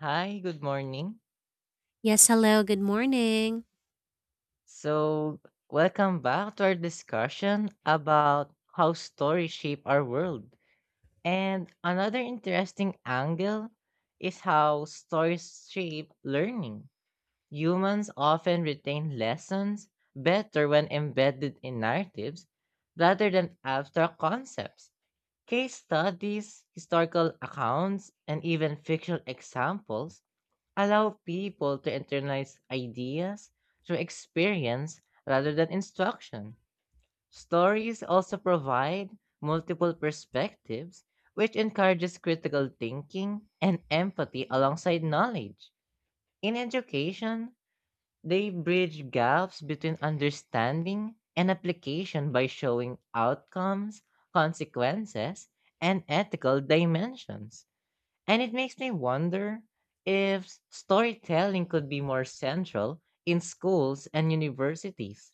Hi, good morning. Yes, hello, good morning. So, Welcome back to our discussion about how stories shape our world. And another interesting angle is how stories shape learning. Humans often retain lessons better when embedded in narratives rather than abstract concepts. Case studies, historical accounts, and even fictional examples allow people to internalize ideas through experience rather than instruction. Stories also provide multiple perspectives, which encourages critical thinking and empathy alongside knowledge. In education, they bridge gaps between understanding and application by showing outcomes, consequences, and ethical dimensions. And it makes me wonder if storytelling could be more central in schools and universities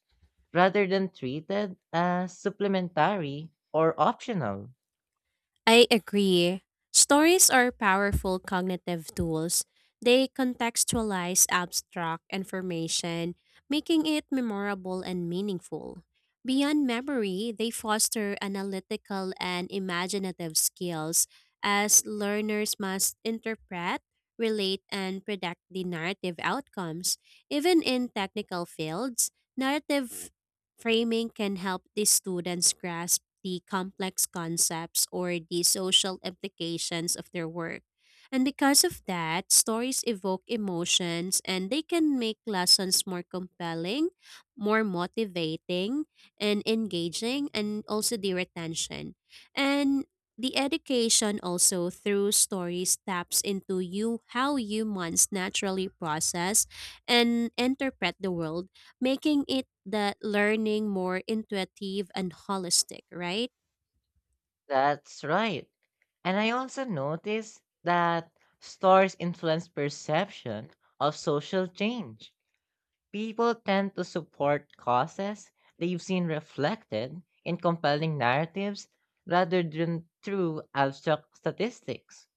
rather than treated as supplementary or optional. I agree. Stories are powerful cognitive tools. They contextualize abstract information, making it memorable and meaningful. Beyond memory, they foster analytical and imaginative skills as learners must interpret, relate, and predict the narrative outcomes. Even in technical fields, narrative framing can help the students grasp the complex concepts or the social implications of their work. And because of that, stories evoke emotions and they can make lessons more compelling, more motivating, and engaging, and also the retention. And the education also through stories taps into you how humans naturally process and interpret the world making it that learning more intuitive and holistic, right? That's right. And I also noticed that stores influence perception of social change. People tend to support causes they've seen reflected in compelling narratives rather than through abstract statistics.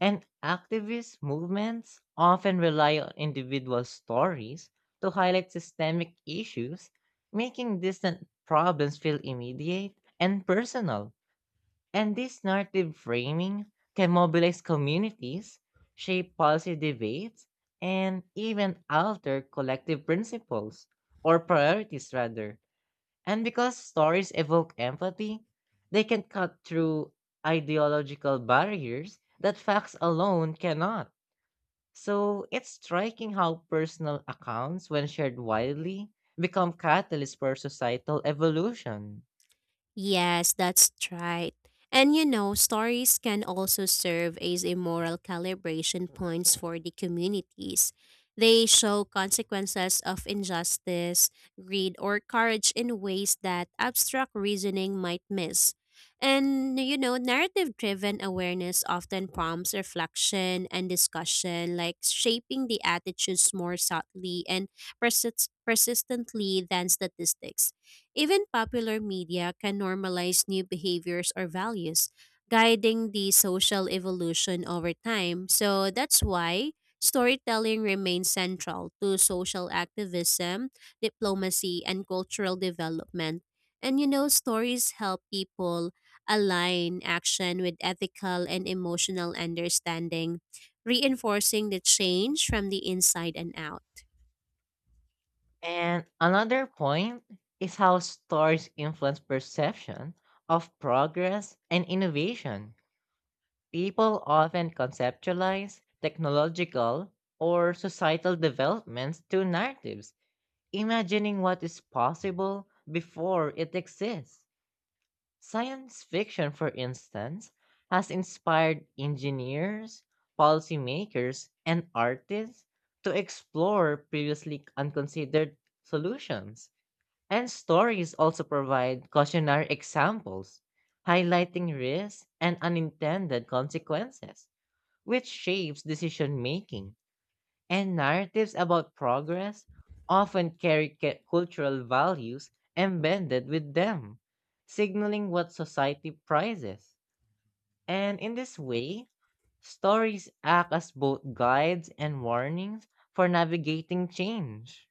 And activist movements often rely on individual stories to highlight systemic issues, making distant problems feel immediate and personal. And this narrative framing can mobilize communities, shape policy debates, and even alter collective principles or priorities, rather. And because stories evoke empathy, they can cut through ideological barriers that facts alone cannot. So it's striking how personal accounts, when shared widely, become catalysts for societal evolution. Yes, that's right. And you know, stories can also serve as a moral calibration points for the communities. They show consequences of injustice, greed, or courage in ways that abstract reasoning might miss. And you know, narrative driven awareness often prompts reflection and discussion, like shaping the attitudes more subtly and persistently than statistics. Even popular media can normalize new behaviors or values, guiding the social evolution over time. So that's why storytelling remains central to social activism, diplomacy, and cultural development. And you know, stories help people align action with ethical and emotional understanding, reinforcing the change from the inside and out. And another point is how stories influence perception of progress and innovation. People often conceptualize technological or societal developments through narratives imagining what is possible before it exists. Science fiction, for instance, has inspired engineers, policymakers, and artists to explore previously unconsidered solutions. And stories also provide cautionary examples, highlighting risks and unintended consequences, which shapes decision making. And narratives about progress often carry cultural values embedded with them, signaling what society prizes. And in this way, stories act as both guides and warnings for navigating change.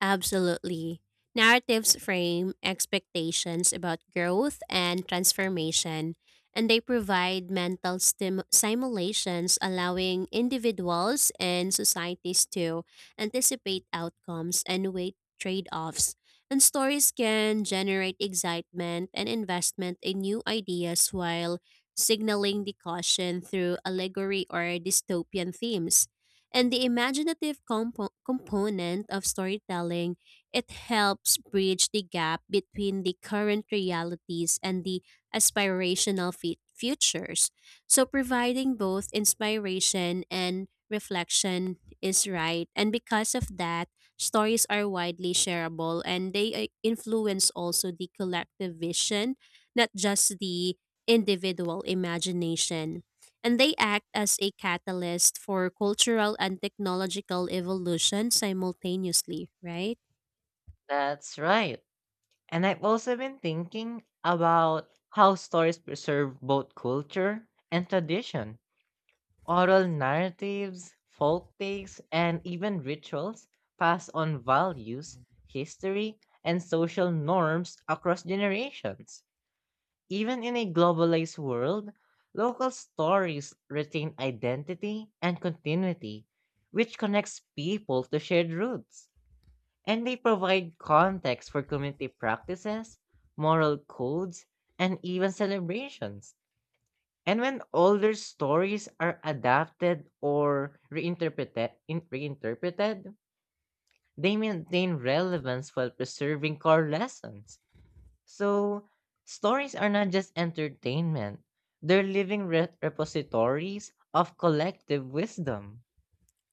Absolutely. Narratives frame expectations about growth and transformation, and they provide mental simulations allowing individuals and societies to anticipate outcomes and weigh trade offs. And stories can generate excitement and investment in new ideas while signaling the caution through allegory or dystopian themes. And the imaginative component of storytelling, it helps bridge the gap between the current realities and the aspirational futures. So providing both inspiration and reflection is right. And because of that, stories are widely shareable and they influence also the collective vision, not just the individual imagination and they act as a catalyst for cultural and technological evolution simultaneously, right? That's right. And I've also been thinking about how stories preserve both culture and tradition. Oral narratives, folk takes, and even rituals pass on values, history, and social norms across generations. Even in a globalized world, local stories retain identity and continuity, which connects people to shared roots. And they provide context for community practices, moral codes, and even celebrations. And when older stories are adapted or reinterpreted, they maintain relevance while preserving core lessons. So, stories are not just entertainment, they're living repositories of collective wisdom.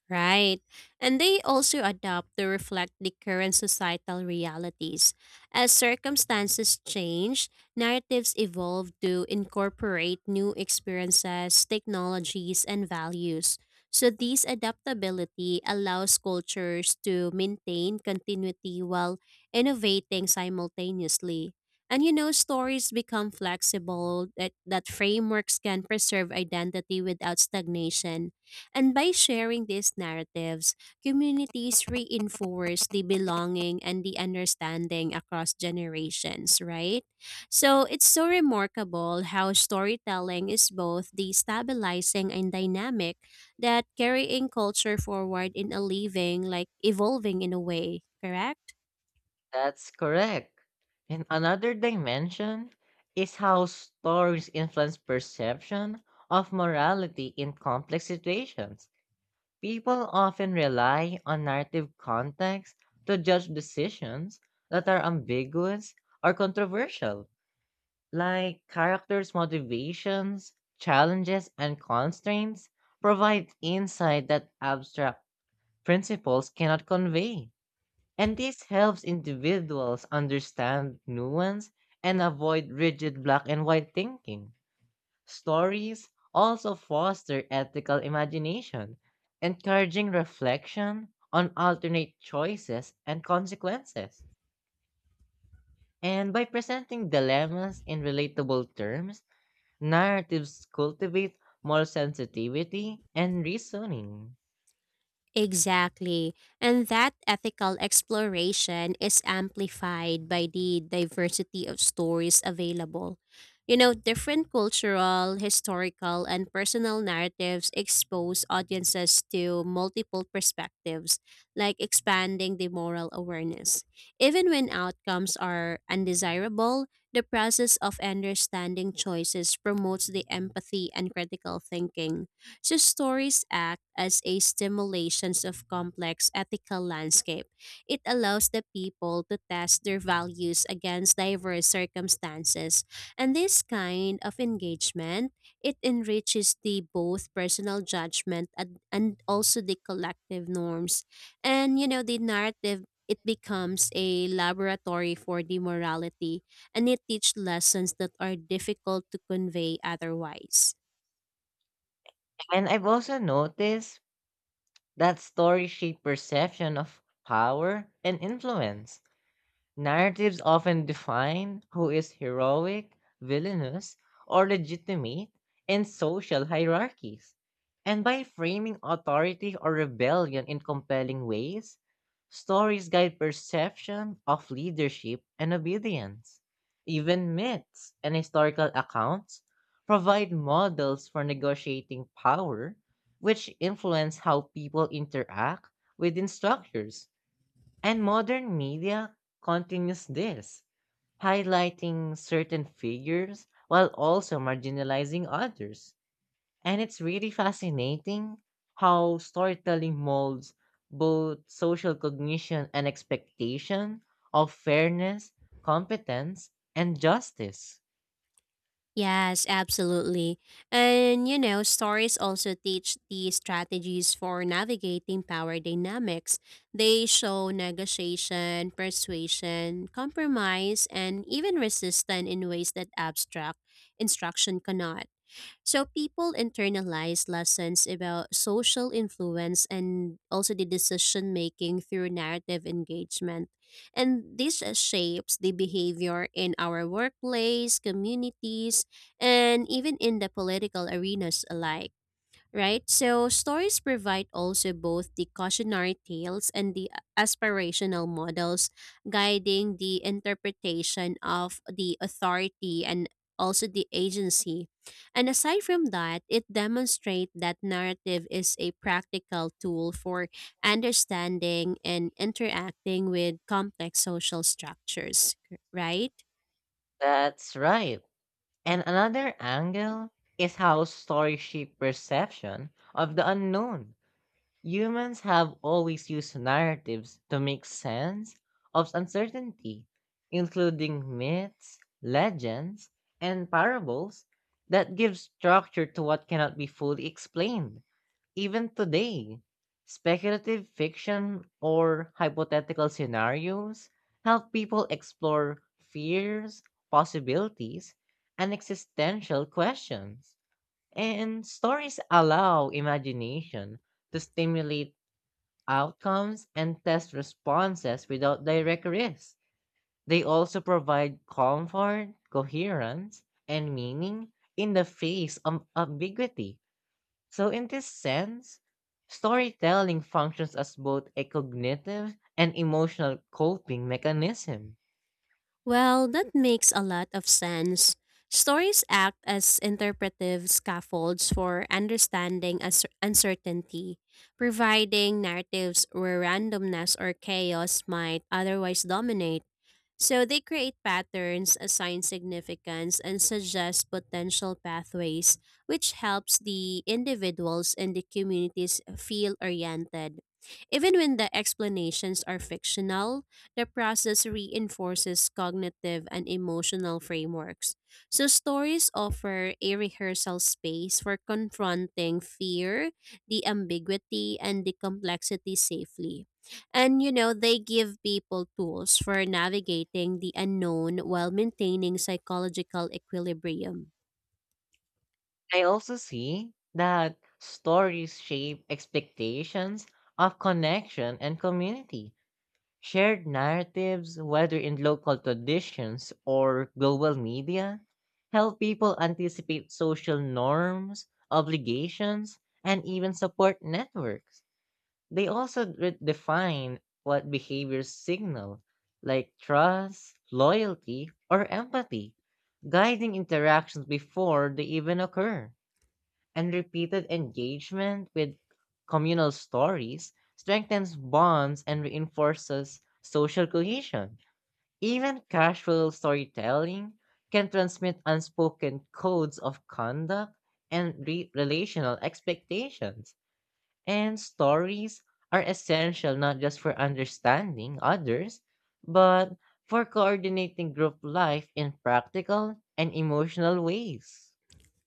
Right. And they also adapt to reflect the current societal realities. As circumstances change, narratives evolve to incorporate new experiences, technologies, and values. So, this adaptability allows cultures to maintain continuity while innovating simultaneously. And you know, stories become flexible, that frameworks can preserve identity without stagnation and by sharing these narratives, communities reinforce the belonging and the understanding across generations, right? So it's so remarkable how storytelling is both the stabilizing and dynamic that carrying culture forward in a living, like evolving in a way, correct? That's correct. And another dimension is how stories influence perception of morality in complex situations. People often rely on narrative context to judge decisions that are ambiguous or controversial, like characters' motivations, challenges, and constraints provide insight that abstract principles cannot convey. And this helps individuals understand nuance and avoid rigid black and white thinking. Stories also foster ethical imagination, encouraging reflection on alternate choices and consequences. And by presenting dilemmas in relatable terms, narratives cultivate moral sensitivity and reasoning. Exactly. And that ethical exploration is amplified by the diversity of stories available. You know, different cultural, historical, and personal narratives expose audiences to multiple perspectives, like expanding the moral awareness. Even when outcomes are undesirable, the process of understanding choices promotes the empathy and critical thinking so stories act as a stimulations of complex ethical landscape. It allows the people to test their values against diverse circumstances, and this kind of engagement it enriches the both personal judgment and also the collective norms, and you know the narrative. It becomes a laboratory for the morality, and it teach lessons that are difficult to convey otherwise. And I've also noticed that stories shape perception of power and influence. Narratives often define who is heroic, villainous, or legitimate in social hierarchies. And by framing authority or rebellion in compelling ways, stories guide perception of leadership and obedience. Even myths and historical accounts provide models for negotiating power, which influence how people interact within structures. And modern media continues this, highlighting certain figures while also marginalizing others. And it's really fascinating how storytelling molds both social cognition and expectation of fairness, competence, and justice. Yes, absolutely. And you know, stories also teach the strategies for navigating power dynamics. They show negotiation, persuasion, compromise, and even resistance in ways that abstract instruction cannot. So people internalize lessons about social influence and also the decision making through narrative engagement. And this shapes the behavior in our workplace, communities, and even in the political arenas alike right? So stories provide also both the cautionary tales and the aspirational models guiding the interpretation of the authority and also the agency. And aside from that, it demonstrates that narrative is a practical tool for understanding and interacting with complex social structures, right? That's right. And another angle is how stories shape perception of the unknown. Humans have always used narratives to make sense of uncertainty, including myths, legends, and parables that give structure to what cannot be fully explained. Even today, speculative fiction or hypothetical scenarios help people explore fears, possibilities, and existential questions. And stories allow imagination to stimulate outcomes and test responses without direct risk. They also provide comfort, coherence, and meaning in the face of ambiguity. So, in this sense, storytelling functions as both a cognitive and emotional coping mechanism. Well, that makes a lot of sense. Stories act as interpretive scaffolds for understanding uncertainty, providing narratives where randomness or chaos might otherwise dominate. So they create patterns, assign significance, and suggest potential pathways, which helps the individuals and the communities feel oriented. Even when the explanations are fictional, the process reinforces cognitive and emotional frameworks. So, stories offer a rehearsal space for confronting fear, the ambiguity, and the complexity safely. And you know, they give people tools for navigating the unknown while maintaining psychological equilibrium. I also see that stories shape expectations of connection and community. Shared narratives, whether in local traditions or global media, help people anticipate social norms, obligations, and even support networks. They also define what behaviors signal, like trust, loyalty, or empathy, guiding interactions before they even occur, and repeated engagement with communal stories strengthens bonds and reinforces social cohesion. Even casual storytelling can transmit unspoken codes of conduct and relational expectations. And stories are essential not just for understanding others, but for coordinating group life in practical and emotional ways.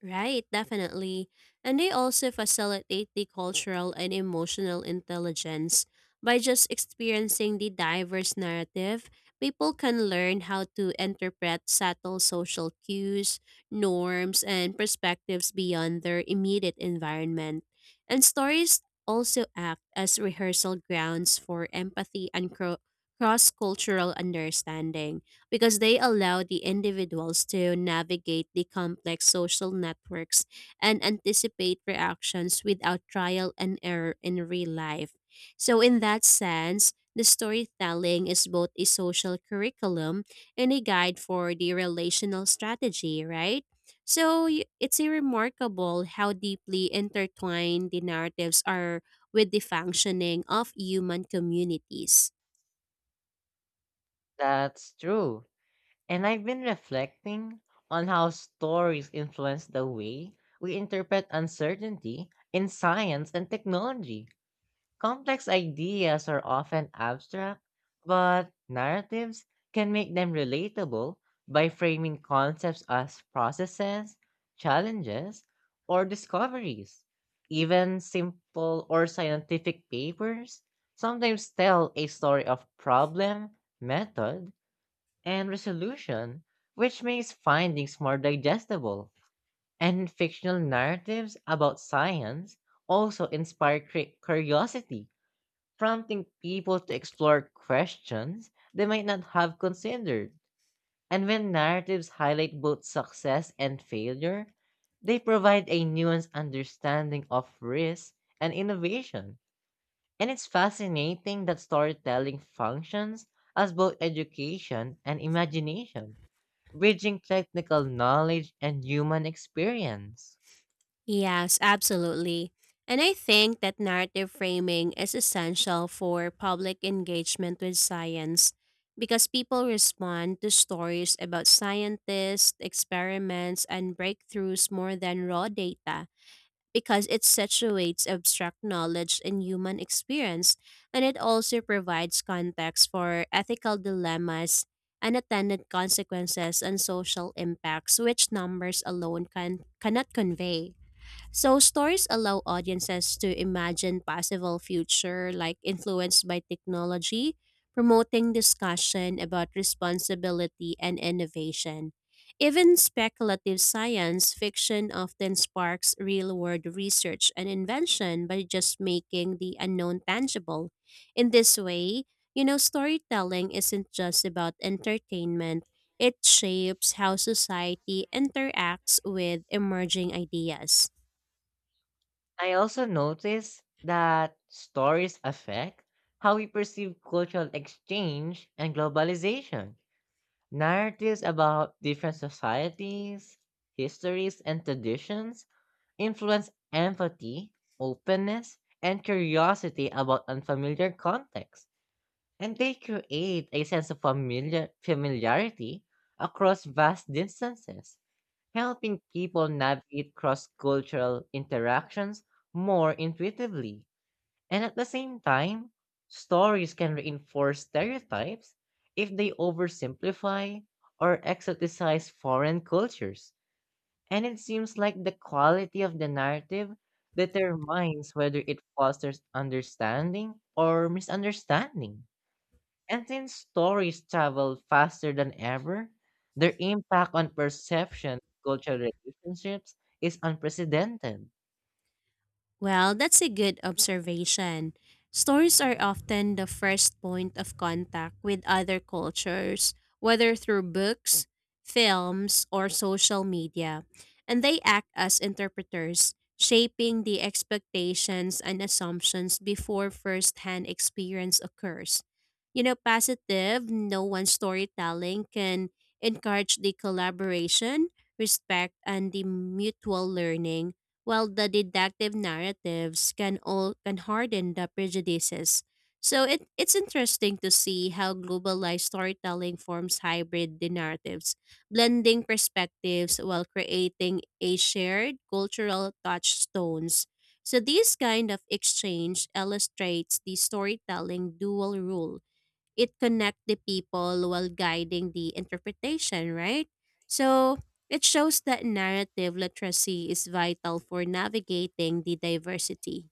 Right, definitely. And they also facilitate the cultural and emotional intelligence. By just experiencing the diverse narrative, people can learn how to interpret subtle social cues, norms, and perspectives beyond their immediate environment. And stories also act as rehearsal grounds for empathy and cross cultural understanding because they allow the individuals to navigate the complex social networks and anticipate reactions without trial and error in real life. So, in that sense, the storytelling is both a social curriculum and a guide for the relational strategy, right? So, it's a remarkable how deeply intertwined the narratives are with the functioning of human communities. That's true. And I've been reflecting on how stories influence the way we interpret uncertainty in science and technology. Complex ideas are often abstract, but narratives can make them relatable by framing concepts as processes, challenges, or discoveries. Even simple or scientific papers sometimes tell a story of problem, method, and resolution, which makes findings more digestible. And fictional narratives about science also inspire curiosity, prompting people to explore questions they might not have considered. And when narratives highlight both success and failure, they provide a nuanced understanding of risk and innovation. And it's fascinating that storytelling functions as both education and imagination bridging technical knowledge and human experience. Yes, absolutely. And I think that narrative framing is essential for public engagement with science because people respond to stories about scientists, experiments, and breakthroughs more than raw data because it situates abstract knowledge in human experience and it also provides context for ethical dilemmas, unintended consequences, and social impacts which numbers alone cannot convey. So stories allow audiences to imagine possible future like influenced by technology, promoting discussion about responsibility and innovation. Even speculative science fiction often sparks real-world research and invention by just making the unknown tangible. In this way, you know, storytelling isn't just about entertainment. It shapes how society interacts with emerging ideas. I also notice that stories affect how we perceive cultural exchange and globalization. Narratives about different societies, histories, and traditions influence empathy, openness, and curiosity about unfamiliar contexts, and they create a sense of familiarity across vast distances, helping people navigate cross cultural interactions more intuitively. And at the same time, stories can reinforce stereotypes if they oversimplify or exoticize foreign cultures. And it seems like the quality of the narrative determines whether it fosters understanding or misunderstanding. And since stories travel faster than ever, their impact on perception, cultural relationships is unprecedented. Well, that's a good observation. Stories are often the first point of contact with other cultures, whether through books, films, or social media, and they act as interpreters, shaping the expectations and assumptions before first-hand experience occurs. You know, positive, no one storytelling can encourage the collaboration, respect, and the mutual learning while the deductive narratives can harden the prejudices. So it's interesting to see how globalized storytelling forms hybrid narratives, blending perspectives while creating a shared cultural touchstones. So this kind of exchange illustrates the storytelling dual role it connect the people while guiding the interpretation, right? So it shows that narrative literacy is vital for navigating the diversity.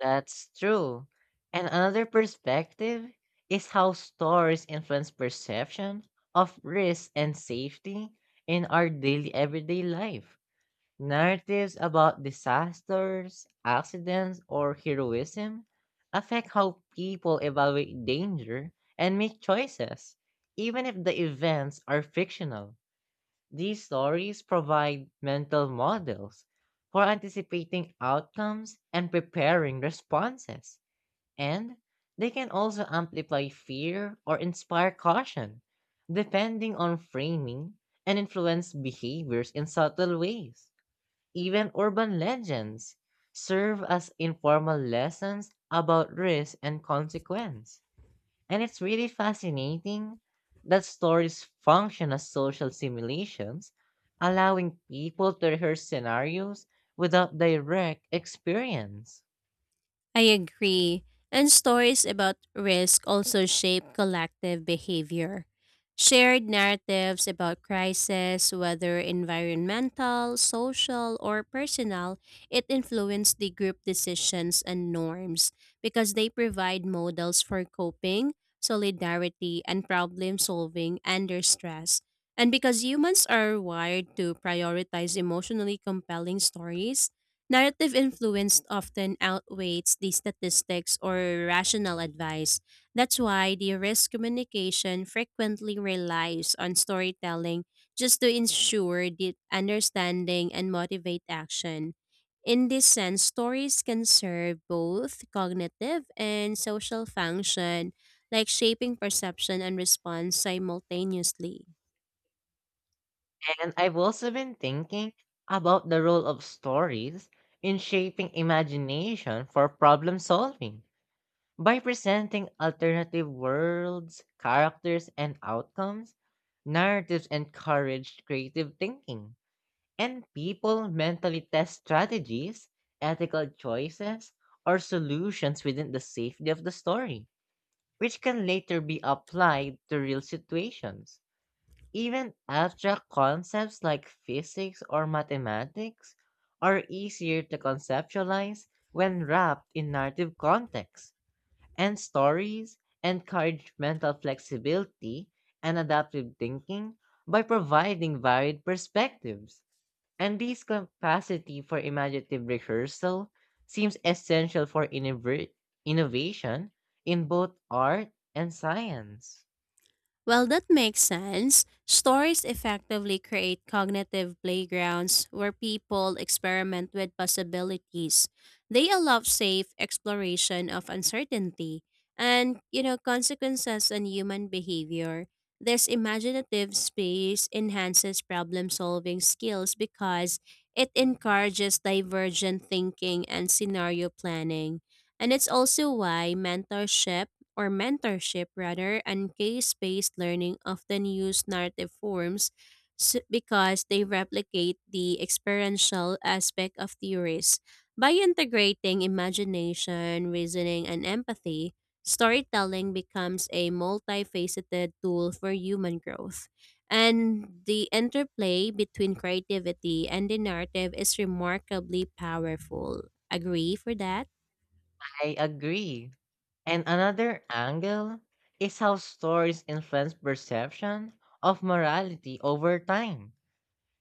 That's true. And another perspective is how stories influence perception of risk and safety in our daily everyday life. Narratives about disasters, accidents, or heroism affect how people evaluate danger and make choices, even if the events are fictional. These stories provide mental models for anticipating outcomes and preparing responses, and they can also amplify fear or inspire caution, depending on framing and influence behaviors in subtle ways. Even urban legends serve as informal lessons about risk and consequence. And it's really fascinating that stories function as social simulations, allowing people to rehearse scenarios without direct experience. I agree. And stories about risk also shape collective behavior. Shared narratives about crisis, whether environmental, social, or personal, it influenced the group decisions and norms because they provide models for coping, solidarity, and problem solving under stress. And because humans are wired to prioritize emotionally compelling stories, narrative influence often outweighs the statistics or rational advice. That's why the risk communication frequently relies on storytelling just to ensure the understanding and motivate action. In this sense, stories can serve both cognitive and social function, like shaping perception and response simultaneously. And I've also been thinking about the role of stories in shaping imagination for problem solving. By presenting alternative worlds, characters, and outcomes, narratives encourage creative thinking, and people mentally test strategies, ethical choices, or solutions within the safety of the story, which can later be applied to real situations. Even abstract concepts like physics or mathematics are easier to conceptualize when wrapped in narrative context, and stories encourage mental flexibility and adaptive thinking by providing varied perspectives. And this capacity for imaginative rehearsal seems essential for innovation in both art and science. Well, that makes sense. Stories effectively create cognitive playgrounds where people experiment with possibilities. They allow safe exploration of uncertainty and, you know, consequences on human behavior. This imaginative space enhances problem-solving skills because it encourages divergent thinking and scenario planning. And it's also why mentorship rather, and case-based learning often use narrative forms because they replicate the experiential aspect of theories. By integrating imagination, reasoning, and empathy, storytelling becomes a multifaceted tool for human growth. And the interplay between creativity and the narrative is remarkably powerful. Agree for that? I agree. And another angle is how stories influence perception of morality over time.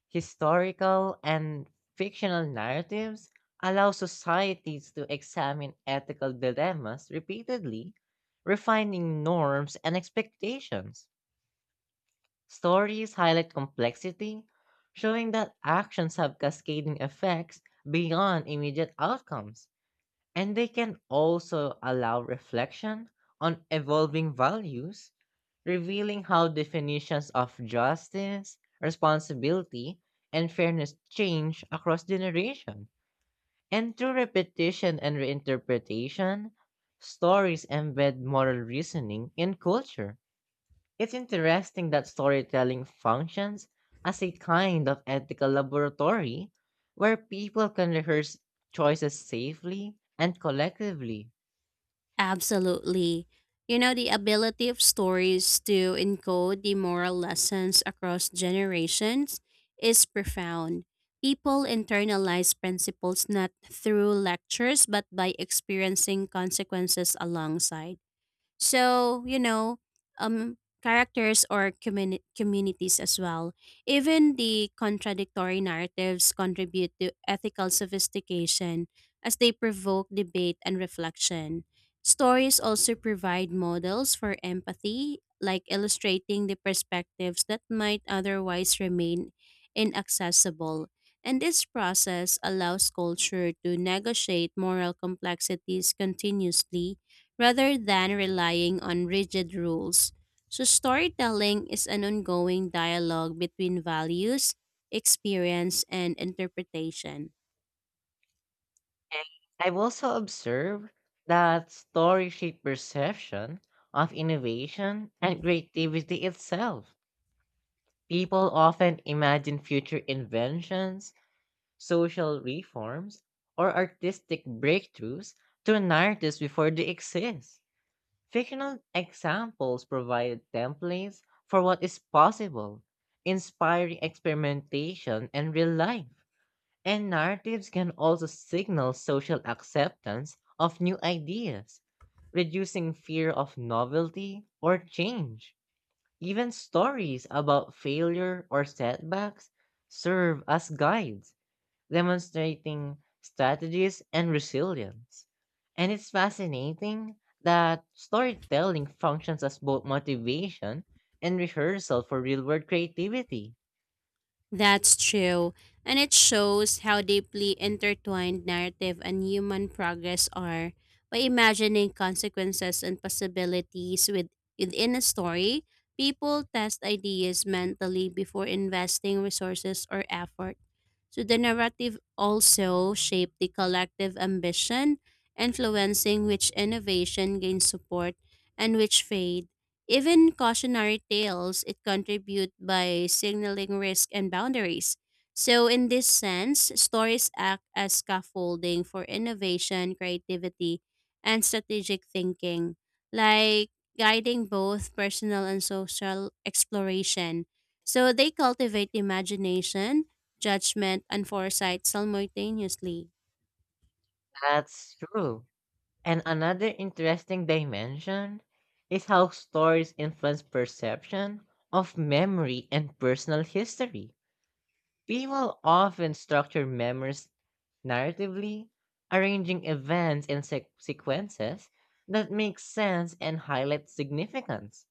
Historical and fictional narratives allow societies to examine ethical dilemmas repeatedly, refining norms and expectations. Stories highlight complexity, showing that actions have cascading effects beyond immediate outcomes. And they can also allow reflection on evolving values, revealing how definitions of justice, responsibility, and fairness change across generation. And through repetition and reinterpretation, stories embed moral reasoning in culture. It's interesting that storytelling functions as a kind of ethical laboratory where people can rehearse choices safely and collectively. Absolutely. You know, the ability of stories to encode the moral lessons across generations is profound. People internalize principles not through lectures but by experiencing consequences alongside. So, you know, characters or communities as well. Even the contradictory narratives contribute to ethical sophistication as they provoke debate and reflection. Stories also provide models for empathy, like illustrating the perspectives that might otherwise remain inaccessible. And this process allows culture to negotiate moral complexities continuously rather than relying on rigid rules. So, storytelling is an ongoing dialogue between values, experience, and interpretation. I've also observed that stories shape perception of innovation and creativity itself. People often imagine future inventions, social reforms, or artistic breakthroughs through narratives before they exist. Fictional examples provide templates for what is possible, inspiring experimentation and real life. And narratives can also signal social acceptance of new ideas, reducing fear of novelty or change. Even stories about failure or setbacks serve as guides, demonstrating strategies and resilience. And it's fascinating that storytelling functions as both motivation and rehearsal for real world creativity. That's true, and it shows how deeply intertwined narrative and human progress are. By imagining consequences and possibilities within a story, people test ideas mentally before investing resources or effort. So the narrative also shaped the collective ambition, influencing which innovation gains support and which fades. Even cautionary tales it contribute by signaling risk and boundaries. So in this sense, stories act as scaffolding for innovation, creativity, and strategic thinking, like guiding both personal and social exploration. So they cultivate imagination, judgment, and foresight simultaneously. That's true. And another interesting dimension is how stories influence perception of memory and personal history. People often structure memories narratively, arranging events in sequences that make sense and highlight significance.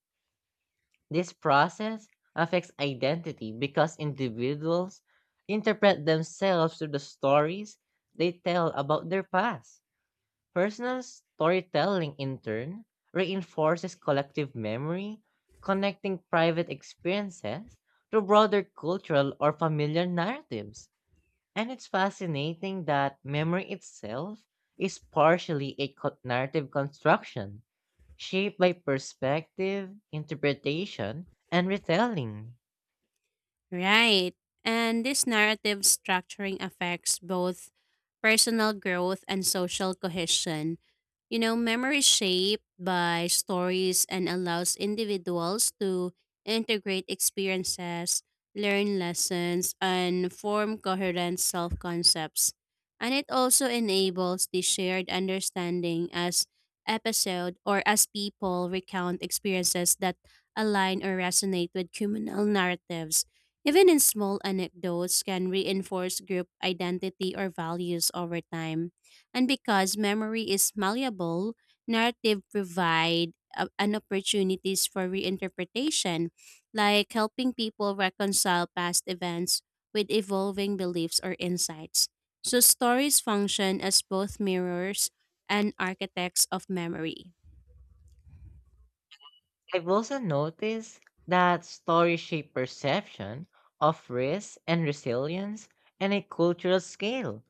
This process affects identity because individuals interpret themselves through the stories they tell about their past. Personal storytelling, in turn, reinforces collective memory, connecting private experiences to broader cultural or familiar narratives. And it's fascinating that memory itself is partially a narrative construction, shaped by perspective, interpretation, and retelling. Right. And this narrative structuring affects both personal growth and social cohesion. You know, memory is shaped by stories and allows individuals to integrate experiences, learn lessons, and form coherent self concepts. And it also enables the shared understanding as episode or as people recount experiences that align or resonate with communal narratives. Even in small anecdotes can reinforce group identity or values over time. And because memory is malleable, narrative provide an opportunities for reinterpretation, like helping people reconcile past events with evolving beliefs or insights. So stories function as both mirrors and architects of memory. I've also noticed that stories shape perception of risk and resilience on a cultural scale.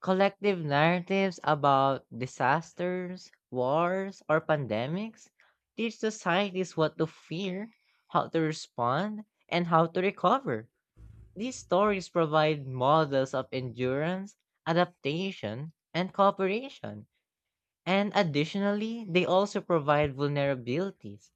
Collective narratives about disasters, wars, or pandemics teach societies what to fear, how to respond, and how to recover. These stories provide models of endurance, adaptation, and cooperation. And additionally, they also provide vulnerabilities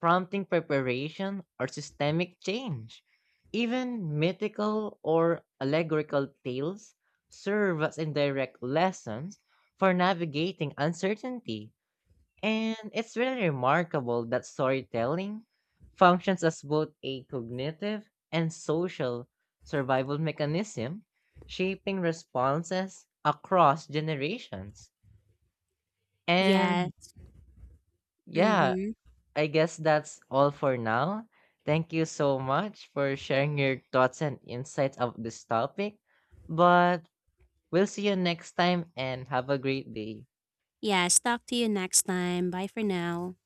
prompting preparation or systemic change. Even mythical or allegorical tales serve as indirect lessons for navigating uncertainty. And it's really remarkable that storytelling functions as both a cognitive and social survival mechanism, shaping responses across generations. Yeah. And yeah, Mhm. I guess that's all for now. Thank you so much for sharing your thoughts and insights of this topic. But we'll see you next time and have a great day. Yes, talk to you next time. Bye for now.